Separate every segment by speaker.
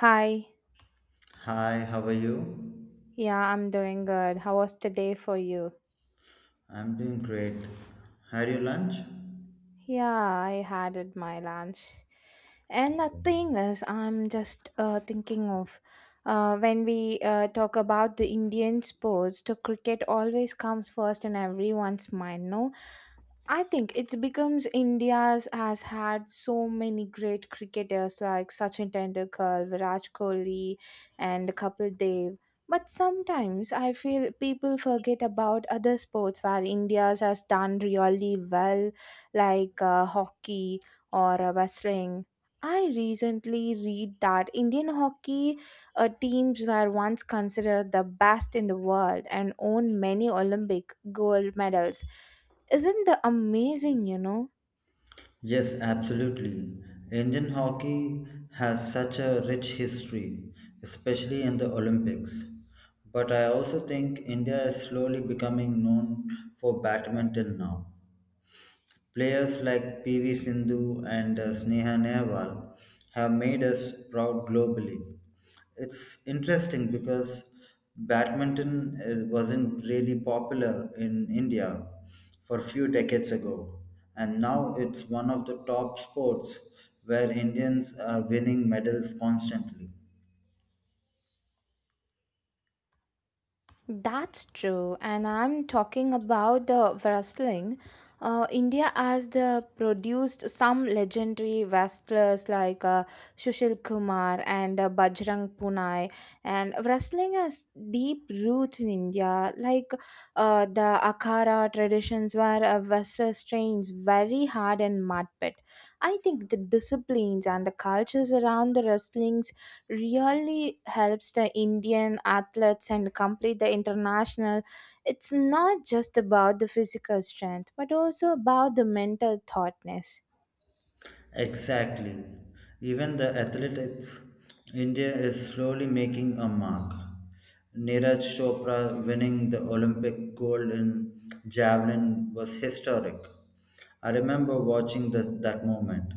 Speaker 1: Hi.
Speaker 2: Hi, how are you?
Speaker 1: Yeah, I'm doing good. How was the day for you?
Speaker 2: I'm doing great. Had your lunch?
Speaker 1: Yeah, I had it my lunch. And the thing is, I'm just thinking of when we talk about the Indian sports, the cricket always comes first in everyone's mind, no? I think it becomes India's has had so many great cricketers like Sachin Tendulkar, Virat Kohli, and Kapil Dev. But sometimes I feel people forget about other sports where India's has done really well, like hockey or wrestling. I recently read that Indian hockey teams were once considered the best in the world and won many Olympic gold medals isn't the amazing,
Speaker 2: Yes, absolutely. Indian hockey has such a rich history, especially in the Olympics. But I also think India is slowly becoming known for badminton now. Players like PV Sindhu and Sneha Nehwal have made us proud globally. It's interesting because badminton is, wasn't really popular in India for a few decades ago, and now it's one of the top sports where Indians are winning medals constantly.
Speaker 1: That's true. And I'm talking about the wrestling. India has the produced some legendary wrestlers like Sushil Kumar and Bajrang Punai. And wrestling has deep roots in India, like the Akhara traditions where wrestlers trains very hard in mud pit. I think the disciplines and the cultures around the wrestling really helps the Indian athletes and complete the international. It's not just about the physical strength, but also about the mental thoughtness.
Speaker 2: Exactly. Even the athletics, India is slowly making a mark. Neeraj Chopra winning the Olympic gold in javelin was historic. I remember watching that moment.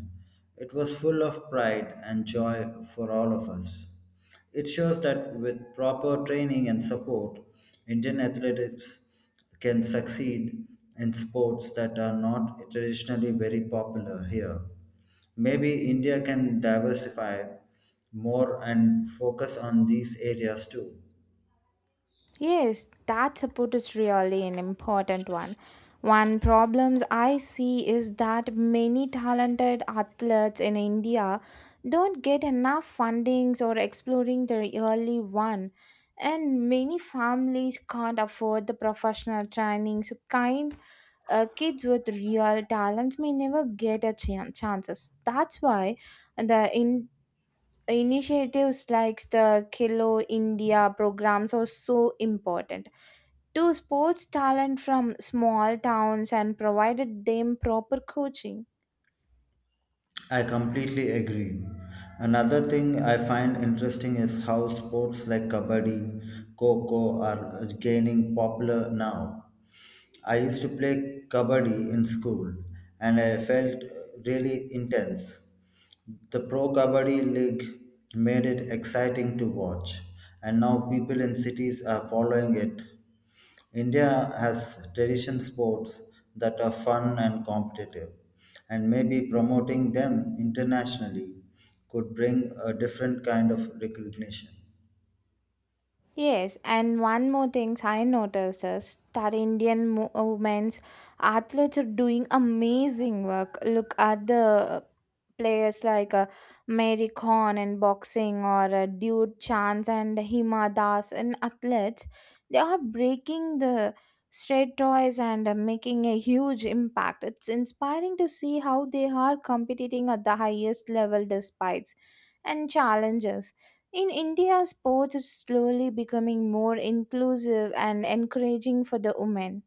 Speaker 2: It was full of pride and joy for all of us. It shows that with proper training and support, Indian athletics can succeed in sports that are not traditionally very popular here. Maybe India can diversify more and focus on these areas too.
Speaker 1: Yes, that support is really an important one. One problems I see is that many talented athletes in India don't get enough fundings or exploring their early one. And many families can't afford the professional training. So kind kids with real talents may never get a chances. That's why the initiatives like the Kilo India programs are so important to sports talent from small towns and provided them proper coaching.
Speaker 2: I completely agree. Another thing I find interesting is how sports like kabaddi, kho are gaining popular now. I used to play kabaddi in school and I felt really intense. The Pro Kabaddi League made it exciting to watch, and now people in cities are following it. India has tradition sports that are fun and competitive, and maybe promoting them internationally could bring a different kind of recognition.
Speaker 1: Yes, and one more thing I noticed is that Indian women's athletes are doing amazing work. Look at the players like Mary Khan in boxing or Dude Chance and Hima Das in athletes. They are breaking the straightways and making a huge impact. It's inspiring to see how they are competing at the highest level despite and challenges in India, sports is slowly becoming more inclusive and encouraging for the women.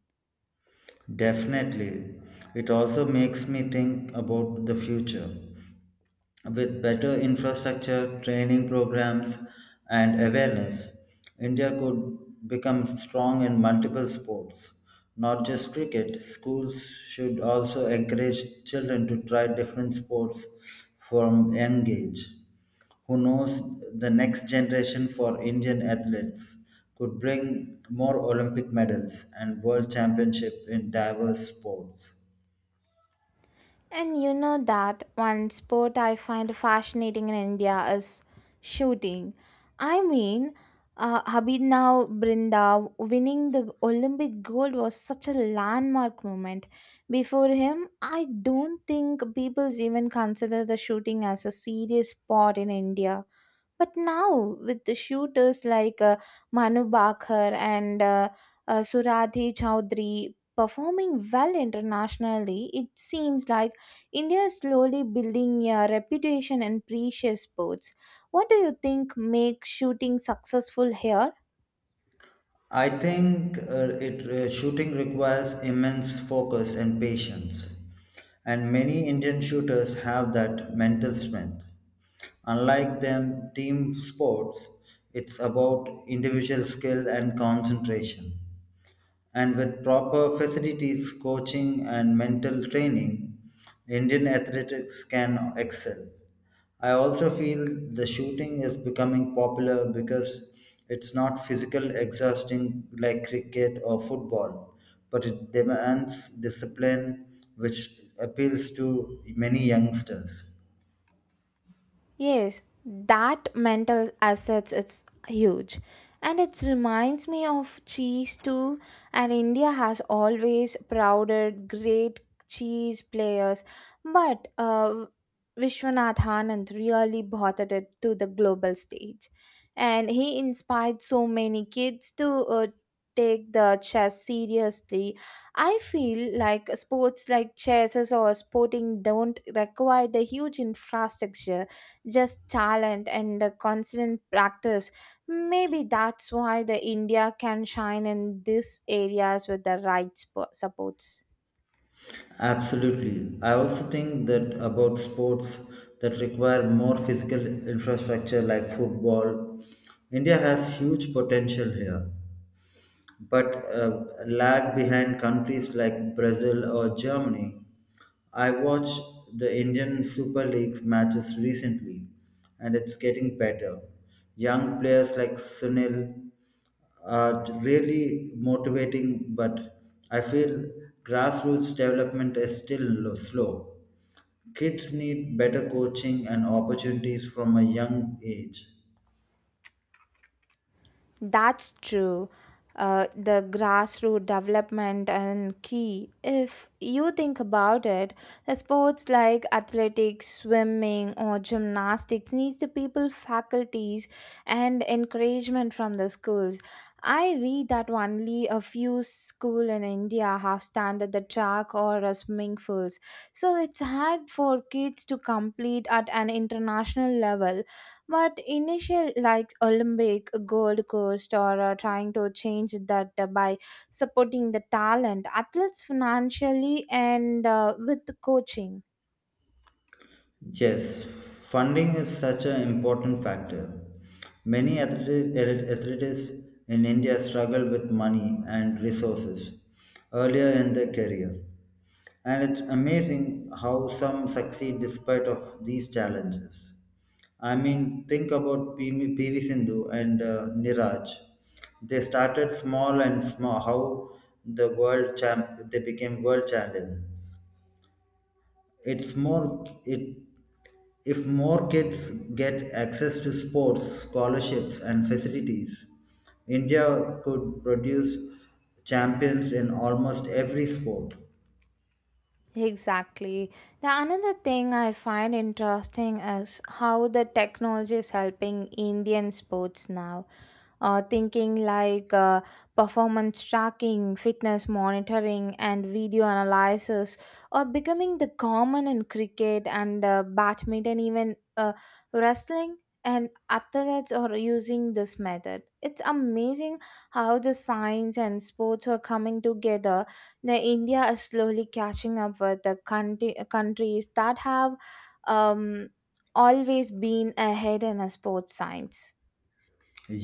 Speaker 2: Definitely. It also makes me think about the future. With better infrastructure, training programs, and awareness, India could become strong in multiple sports, not just cricket. Schools should also encourage children to try different sports from young age. Who knows, the next generation for Indian athletes could bring more Olympic medals and world championship in diverse sports.
Speaker 1: And you know that one sport I find fascinating in India is shooting. I mean, Habibna Brinda winning the Olympic gold was such a landmark moment. Before him, I don't think people even consider the shooting as a serious sport in India. But now, with the shooters like Manu Bakhar and Suradhi Chowdhury performing well internationally, it seems like India is slowly building a reputation in precious sports. What do you think makes shooting successful here?
Speaker 2: I think it shooting requires immense focus and patience, and many Indian shooters have that mental strength. Unlike them team sports, it's about individual skill and concentration. And with proper facilities, coaching, and mental training, Indian athletics can excel. I also feel the shooting is becoming popular because it's not physical exhausting like cricket or football, but it demands discipline which appeals to many youngsters.
Speaker 1: Yes, that mental assets it's huge. And it reminds me of cheese too. And India has always prouded great cheese players. But Vishwanath Anand really brought it to the global stage. And he inspired so many kids to take the chess seriously. I feel like sports like chess or sporting don't require the huge infrastructure just talent and the constant practice. Maybe that's why the India can shine in these areas with the right supports.
Speaker 2: Absolutely. I also think that about sports that require more physical infrastructure like football, India has huge potential here, but lag behind countries like Brazil or Germany. I watched the Indian Super League's matches recently, and it's getting better. Young players like Sunil are really motivating, but I feel grassroots development is still slow. Kids need better coaching and opportunities from a young age.
Speaker 1: That's true. The grassroots development and key. If you think about it, the sports like athletics, swimming, or gymnastics needs the people, faculties, and encouragement from the schools. I read that only a few school in India have standard the track or swimming pools, so it's hard for kids to compete at an international level but initial like Olympic, Gold Coast, or trying to change that by supporting the talent, athletes financially and with coaching.
Speaker 2: Yes, funding is such an important factor. Many athletes in India struggle with money and resources earlier in their career. And it's amazing how some succeed despite of these challenges. I mean, think about PV Sindhu and Niraj. They started small and small. How the world champ, they became world champions. It's more. It If more kids get access to sports, scholarships, and facilities, India could produce champions in almost every sport.
Speaker 1: Exactly. The another thing I find interesting is how the technology is helping Indian sports now. Thinking like performance tracking, fitness monitoring, and video analysis are becoming the common in cricket and badminton, even wrestling. And athletes are using this method. It's amazing how the science and sports are coming together the India is slowly catching up with countries that have um, always been ahead in a sports science.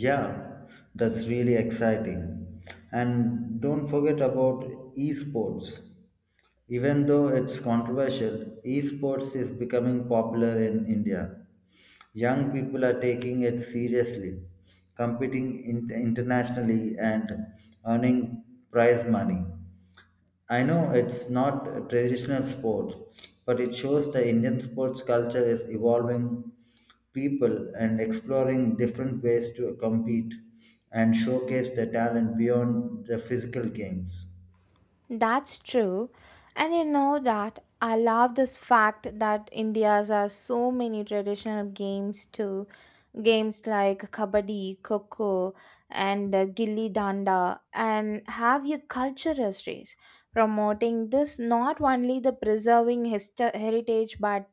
Speaker 2: Yeah, that's really exciting. And don't forget about esports. Even though it's controversial, esports is becoming popular in India. Young people are taking it seriously, competing internationally, and earning prize money. I know it's not a traditional sport, but it shows the Indian sports culture is evolving people and exploring different ways to compete and showcase their talent beyond the physical games.
Speaker 1: That's true. And you know that I love this fact that India's has so many traditional games too. Games like kabaddi, koko, and gilli danda, and have your culture histories promoting this not only the preserving heritage but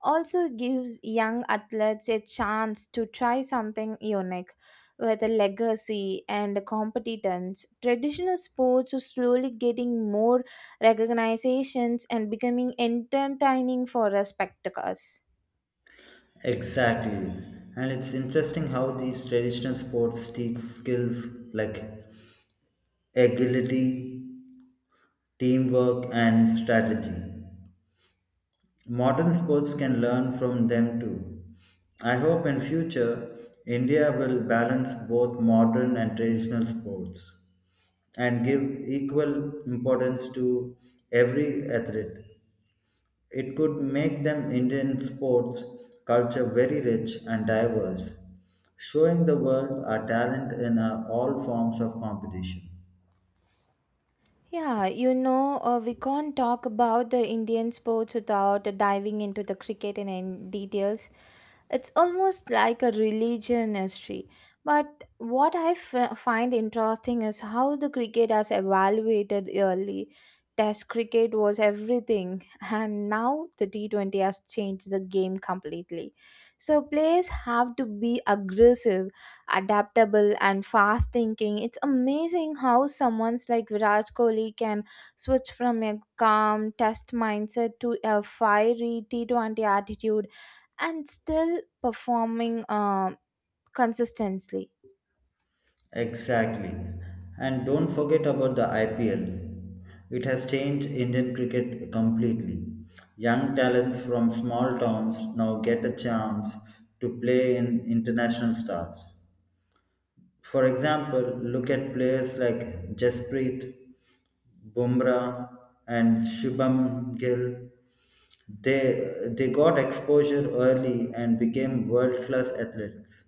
Speaker 1: also gives young athletes a chance to try something unique with a legacy and competence. Traditional sports are slowly getting more recognitions and becoming entertaining for us spectators.
Speaker 2: Exactly. And it's interesting how these traditional sports teach skills like agility, teamwork, and strategy. Modern sports can learn from them too. I hope in future India will balance both modern and traditional sports and give equal importance to every athlete. It could make them Indian sports culture very rich and diverse, showing the world our talent in our all forms of competition.
Speaker 1: Yeah, you know, we can't talk about the Indian sports without diving into the cricket in any details. It's almost like a religion history. But what I find interesting is how the cricket has evaluated early. Test cricket was everything, and now the T20 has changed the game completely. So players have to be aggressive adaptable and fast thinking. It's amazing how someone's like Virat Kohli can switch from a calm test mindset to a fiery T20 attitude and still performing consistently.
Speaker 2: Exactly. And don't forget about the IPL. It has changed Indian cricket completely. Young talents from small towns now get a chance to play in international stars. For example, look at players like Jasprit Bumrah and Shubham Gill. They got exposure early and became world class athletes.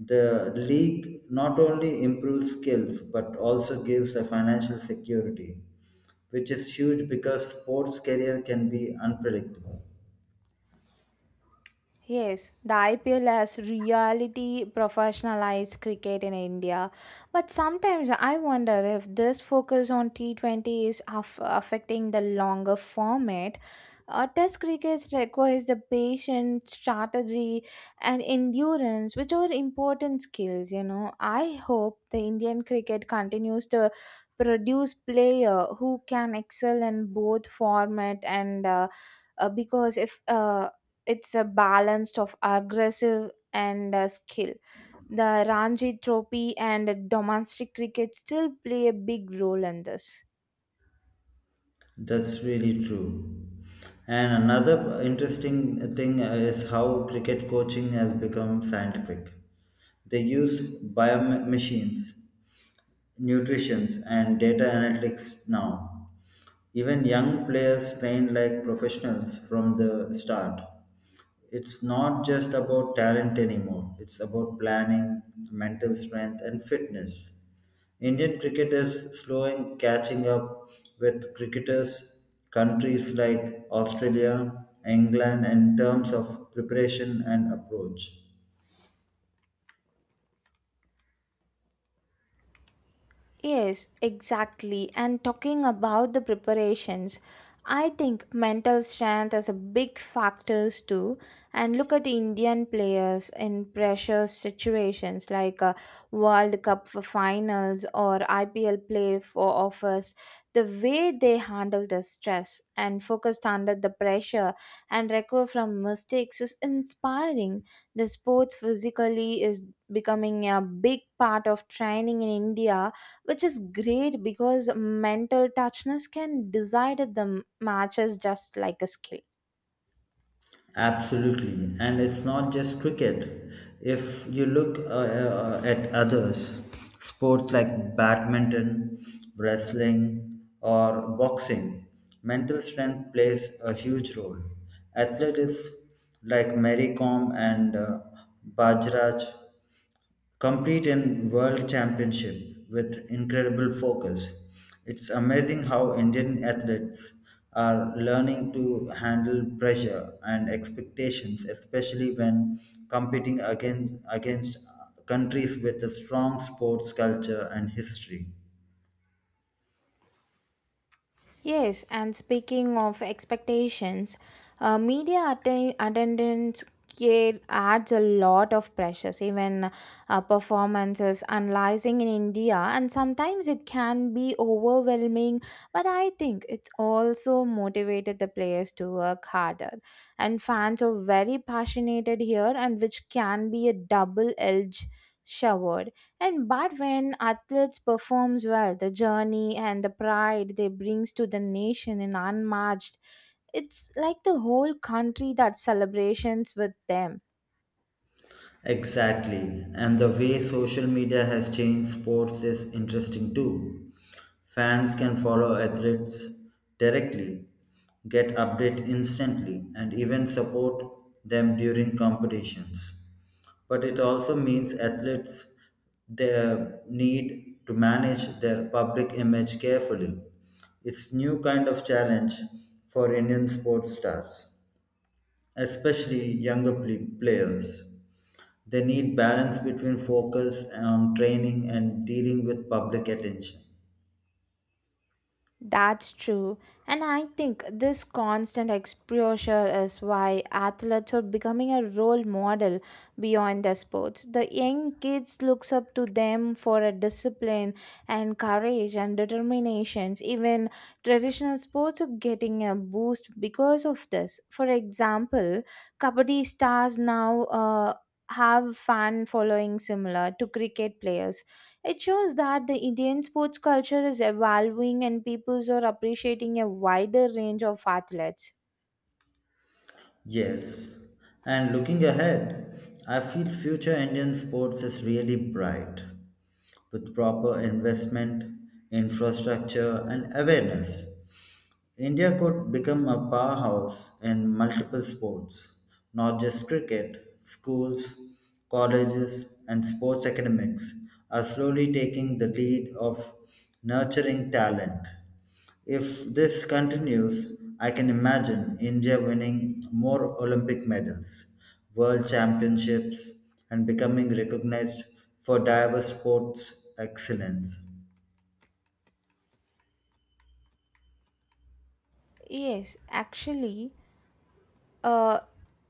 Speaker 2: The league not only improves skills but also gives a financial security, which is huge because sports career can be unpredictable.
Speaker 1: Yes, the IPL has reality professionalized cricket in India. But sometimes I wonder if this focus on T20 is affecting the longer format. Test cricket requires the patience, strategy, and endurance, which are important skills. You know, I hope the Indian cricket continues to produce player who can excel in both format and because if it's a balance of aggressive and skill. The Ranji Trophy and domestic cricket still play a big role in this.
Speaker 2: That's really true. And another interesting thing is how cricket coaching has become scientific. They use biomachines, nutrition, and data analytics now. Even young players train like professionals from the start. It's not just about talent anymore, it's about planning, mental strength, and fitness. Indian cricket is slowing catching up with cricketers countries like Australia, England in terms of preparation and approach.
Speaker 1: Yes, exactly. And talking about the preparations, I think mental strength is a big factors too. And look at Indian players in pressure situations like a World Cup for finals or IPL play for offers. The way they handle the stress and focused under the pressure and recover from mistakes is inspiring. The sports physically is becoming a big part of training in India which is great because mental touchness can decide if the matches just like a skill.
Speaker 2: Absolutely, and it's not just cricket. If you look at others, sports like badminton, wrestling, or boxing, mental strength plays a huge role. Athletes like Mary Kom and Bajraj compete in world championship with incredible focus. It's amazing how Indian athletes are learning to handle pressure and expectations, especially when competing against countries with a strong sports culture and history.
Speaker 1: Yes, and speaking of expectations, media attendance care adds a lot of pressures, even performances analyzing in India, and sometimes it can be overwhelming. But I think it's also motivated the players to work harder, and fans are very passionate here, and which can be a double edged sword. And but when athletes performs well, the journey and the pride they brings to the nation in unmatched. It's like the whole country that celebrations with them.
Speaker 2: Exactly. And the way social media has changed sports is interesting too. Fans can follow athletes directly, get updates instantly, and even support them during competitions. But it also means athletes they need to manage their public image carefully. It's new kind of challenge for Indian sports stars, especially younger players. They need balance between focus on training and dealing with public attention.
Speaker 1: That's true. And I think this constant exposure is why athletes are becoming a role model beyond their sports. The young kids looks up to them for a discipline and courage and determinations. Even traditional sports are getting a boost because of this. For example, kabaddi stars now have fan following similar to cricket players it shows that the Indian sports culture is evolving and peoples are appreciating a wider range of athletes.
Speaker 2: Yes, and looking ahead, I feel future Indian sports is really bright with proper investment, infrastructure, and awareness. India could become a powerhouse in multiple sports, not just cricket. Schools, colleges, and sports academics are slowly taking the lead of nurturing talent. If this continues, I can imagine India winning more Olympic medals, world championships, and becoming recognized for diverse sports excellence.
Speaker 1: Yes, actually, uh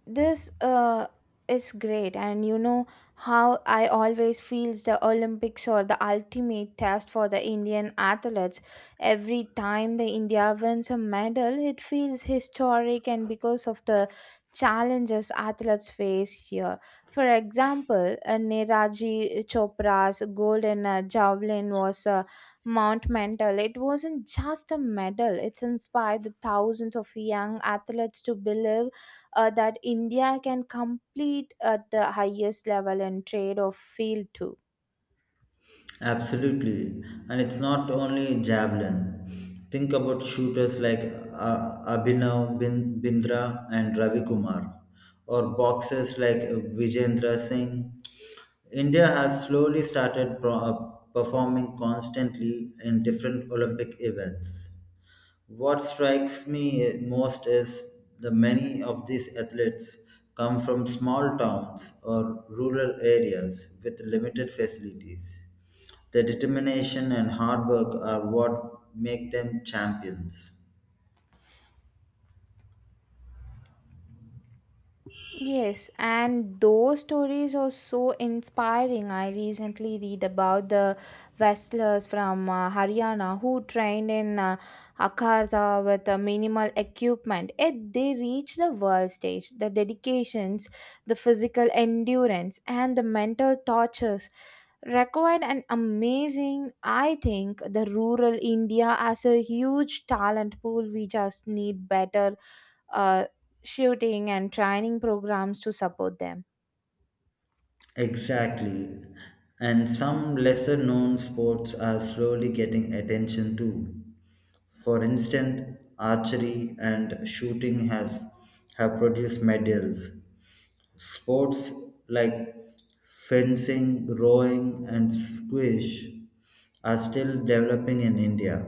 Speaker 1: this is great and you know how I always feels the olympics or the ultimate test for the indian athletes every time the india wins a medal it feels historic and because of the challenges athletes face here for example niraji chopra's gold in javelin was a monumental it wasn't just a medal it's inspired the thousands of young athletes to believe that India can compete at the highest level in trade or field too.
Speaker 2: Absolutely, and it's not only javelin. Think about shooters like Bindra and Ravi Kumar, or boxers like Vijendra Singh. India has slowly started performing constantly in different Olympic events. What strikes me most is the many of these athletes come from small towns or rural areas with limited facilities. Their determination and hard work are what make them champions.
Speaker 1: Yes, and those stories are so inspiring. I recently read about the wrestlers from Haryana who trained in Akarza with minimal equipment. Yet they reached the world stage. The dedications, the physical endurance, and the mental tortures required an amazing I think the rural india has a huge talent pool we just need better uh, shooting and training programs to support them.
Speaker 2: Exactly. And some lesser known sports are slowly getting attention too. For instance, archery and shooting has have produced medals. Sports like fencing, rowing, and squash are still developing in India.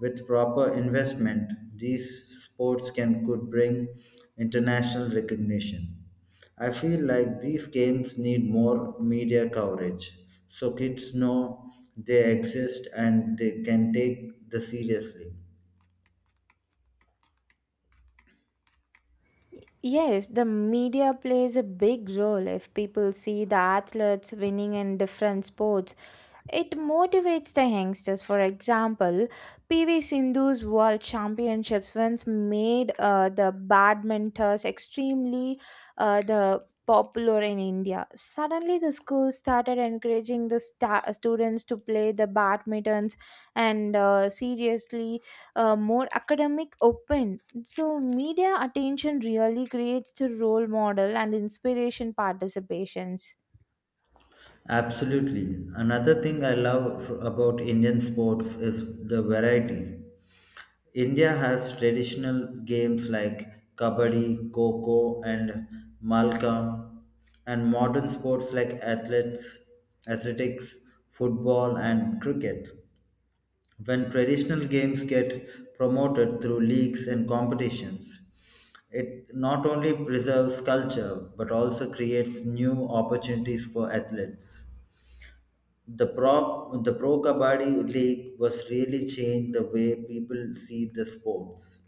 Speaker 2: With proper investment, these sports can could bring international recognition. I feel like these games need more media coverage so kids know they exist and they can take the seriously.
Speaker 1: Yes, the media plays a big role. If people see the athletes winning in different sports, it motivates the youngsters. For example, PV Sindhu's World Championships once made the badminters extremely the popular in India. Suddenly, the school started encouraging the students to play the badmintons and seriously more academic open so, media attention really creates the role model and inspiration participations.
Speaker 2: Absolutely. Another thing I love about Indian sports is the variety. India has traditional games like kabaddi, kho and malkam, and modern sports like athletics, football, and cricket. When traditional games get promoted through leagues and competitions, it not only preserves culture but also creates new opportunities for athletes. The pro Kabaddi League was really changed the way people see the sports.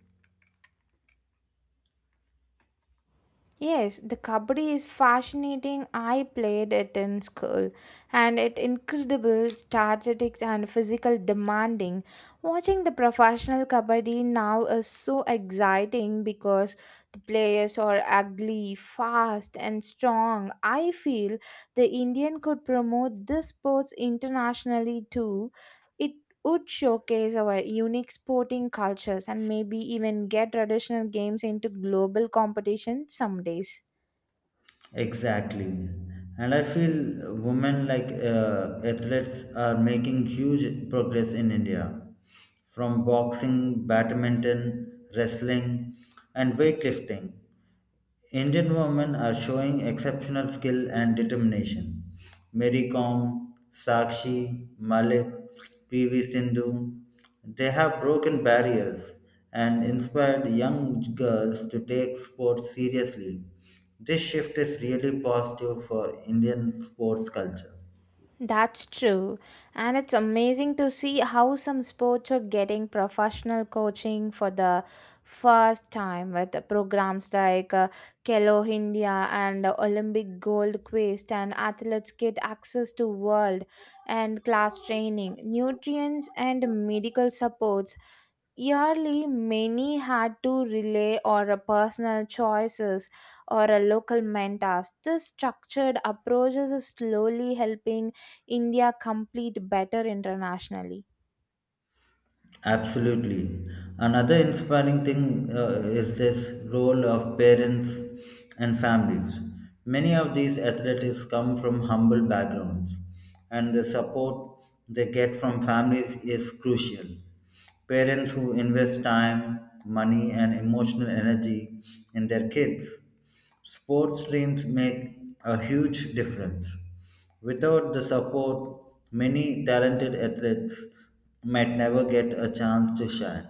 Speaker 1: Yes, the kabaddi is fascinating. I played it in school and it incredible statistics and physical demanding. Watching the professional kabaddi now is so exciting because the players are ugly, fast and strong. I feel the Indian could promote this sports internationally too. It would showcase our unique sporting cultures and maybe even get traditional games into global competition some days.
Speaker 2: Exactly. And I feel women like athletes are making huge progress in India. From boxing, badminton, wrestling, and weightlifting. Indian women are showing exceptional skill and determination. Mary Kom, Sakshi, Malik, PV Sindhu, they have broken barriers and inspired young girls to take sports seriously. This shift is really positive for Indian sports culture.
Speaker 1: That's true. And it's amazing to see how some sports are getting professional coaching for the first time with the programs like Kelo India and Olympic Gold Quest and athletes get access to world and class training, nutrients and medical supports. Yearly, many had to rely on a personal choices or a local mentors. This structured approaches is slowly helping India compete better internationally.
Speaker 2: Absolutely. Another inspiring thing is this role of parents and families. Many of these athletes come from humble backgrounds, and the support they get from families is crucial. Parents who invest time, money, and emotional energy in their kids, sports dreams make a huge difference. Without the support, many talented athletes might never get a chance to shine.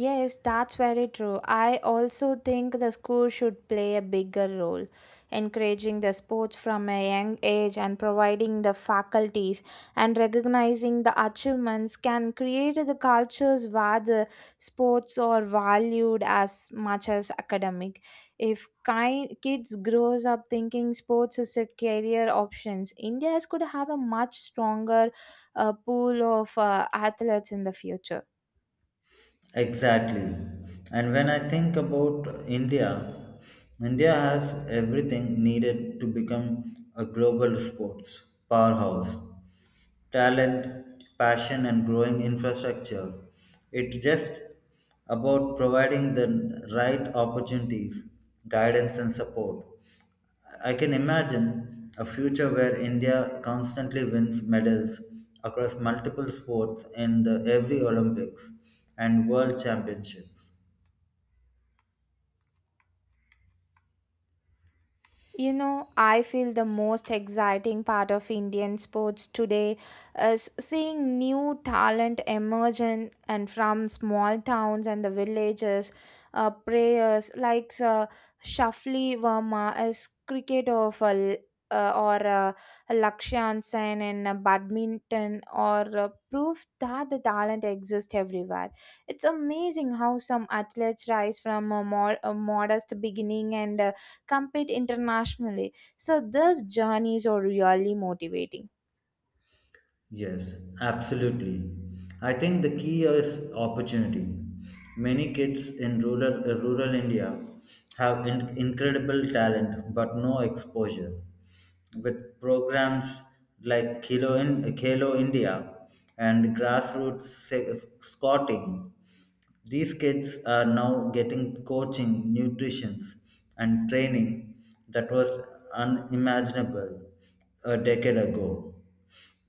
Speaker 1: Yes, that's very true. I also think the school should play a bigger role, encouraging the sports from a young age and providing the faculties and recognizing the achievements can create the cultures where the sports are valued as much as academic. If kids grows up thinking sports is a career options, India could have a much stronger pool of athletes in the future.
Speaker 2: Exactly. And when I think about India, India has everything needed to become a global sports powerhouse: talent, passion, and growing infrastructure. It's just about providing the right opportunities, guidance, and support. I can imagine a future where India constantly wins medals across multiple sports in the every Olympics and World Championships.
Speaker 1: You know, I feel the most exciting part of Indian sports today is seeing new talent emerge in, and from small towns and the villages. Players like Shafli Verma is cricket of or Lakshan Sen in badminton or proof that the talent exists everywhere. It's amazing how some athletes rise from a modest beginning and compete internationally. So these journeys are really motivating.
Speaker 2: Yes, absolutely. I think the key is opportunity. Many kids in rural India have incredible talent but no exposure. With programs like Khelo India and scouting, these kids are now getting coaching, nutrition, and training that was unimaginable a decade ago.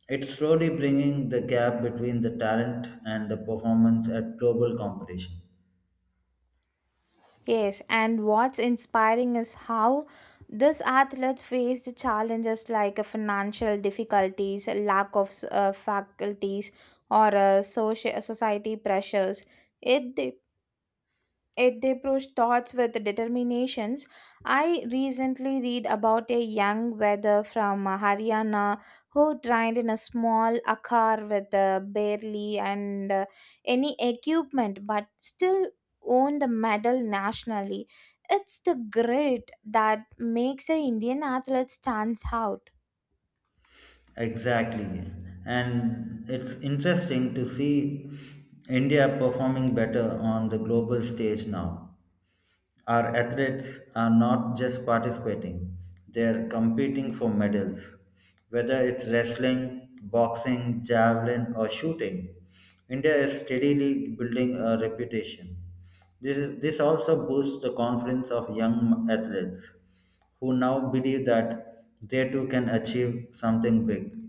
Speaker 2: It's slowly bringing the gap between the talent and the performance at global competition.
Speaker 1: Yes, and what's inspiring is how these athletes face the challenges like financial difficulties, lack of faculties, or social society pressures. It yet they push thoughts with determinations. I recently read about a young weather from Haryana who trained in a small akar with barely and any equipment, but still won the medal nationally. It's the grit that makes an Indian athlete stands out.
Speaker 2: Exactly. And it's interesting to see India performing better on the global stage now. Our athletes are not just participating, they are competing for medals. Whether it's wrestling, boxing, javelin, or shooting, India is steadily building a reputation. This also boosts the confidence of young athletes who now believe that they too can achieve something big.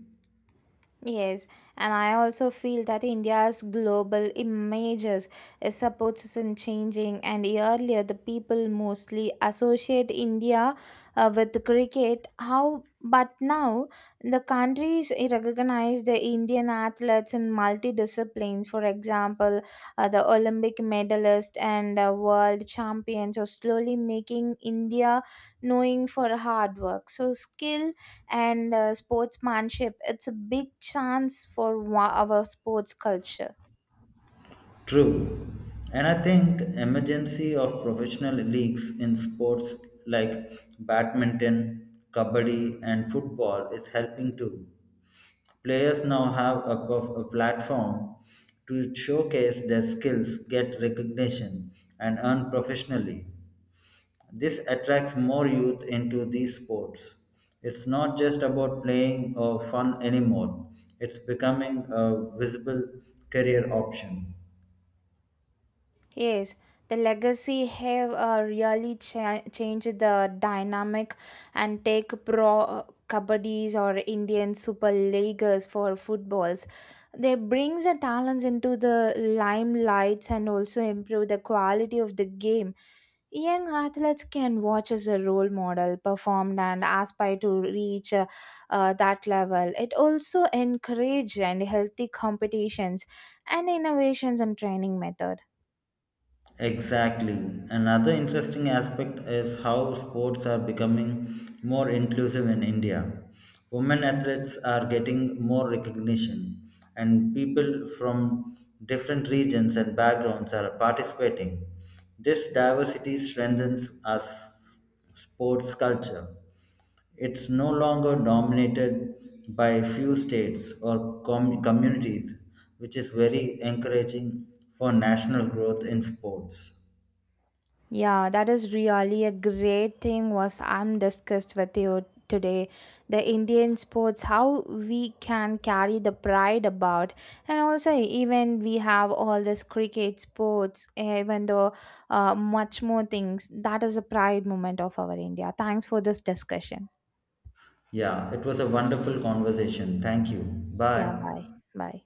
Speaker 1: Yes, and I also feel that India's global images supports is in changing. And earlier, the people mostly associate India with cricket. How, but now the countries recognize the Indian athletes in multi disciplines. For example, the Olympic medalist and world champions are slowly making India knowing for hard work. So skill and sportsmanship it's a big chance for our sports culture.
Speaker 2: True. And I think emergency of professional leagues in sports like badminton, kabaddi and football is helping too. Players now have a platform to showcase their skills, get recognition and earn professionally. This attracts more youth into these sports. It's not just about playing or fun anymore. It's becoming a visible career option.
Speaker 1: Yes, the legacy have really changed the dynamic and take pro kabaddi's or Indian Super Leaguers for footballs. They brings the talents into the limelights and also improve the quality of the game. Young athletes can watch as a role model performed and aspire to reach that level. It also encourage and healthy competitions and innovations and training method.
Speaker 2: Exactly. Another interesting aspect is how sports are becoming more inclusive in India. Women athletes are getting more recognition, and people from different regions and backgrounds are participating. This diversity strengthens our sports culture. It's no longer dominated by few states or communities, which is very encouraging for national growth in sports.
Speaker 1: Yeah, that is really a great thing was I'm discussed with you today. The Indian sports, how we can carry the pride about, and also even we have all this cricket sports, even though much more things. That is a pride moment of our India. Thanks for this discussion.
Speaker 2: Yeah, it was a wonderful conversation. Thank you.
Speaker 1: Yeah,
Speaker 2: Bye.
Speaker 1: bye, bye.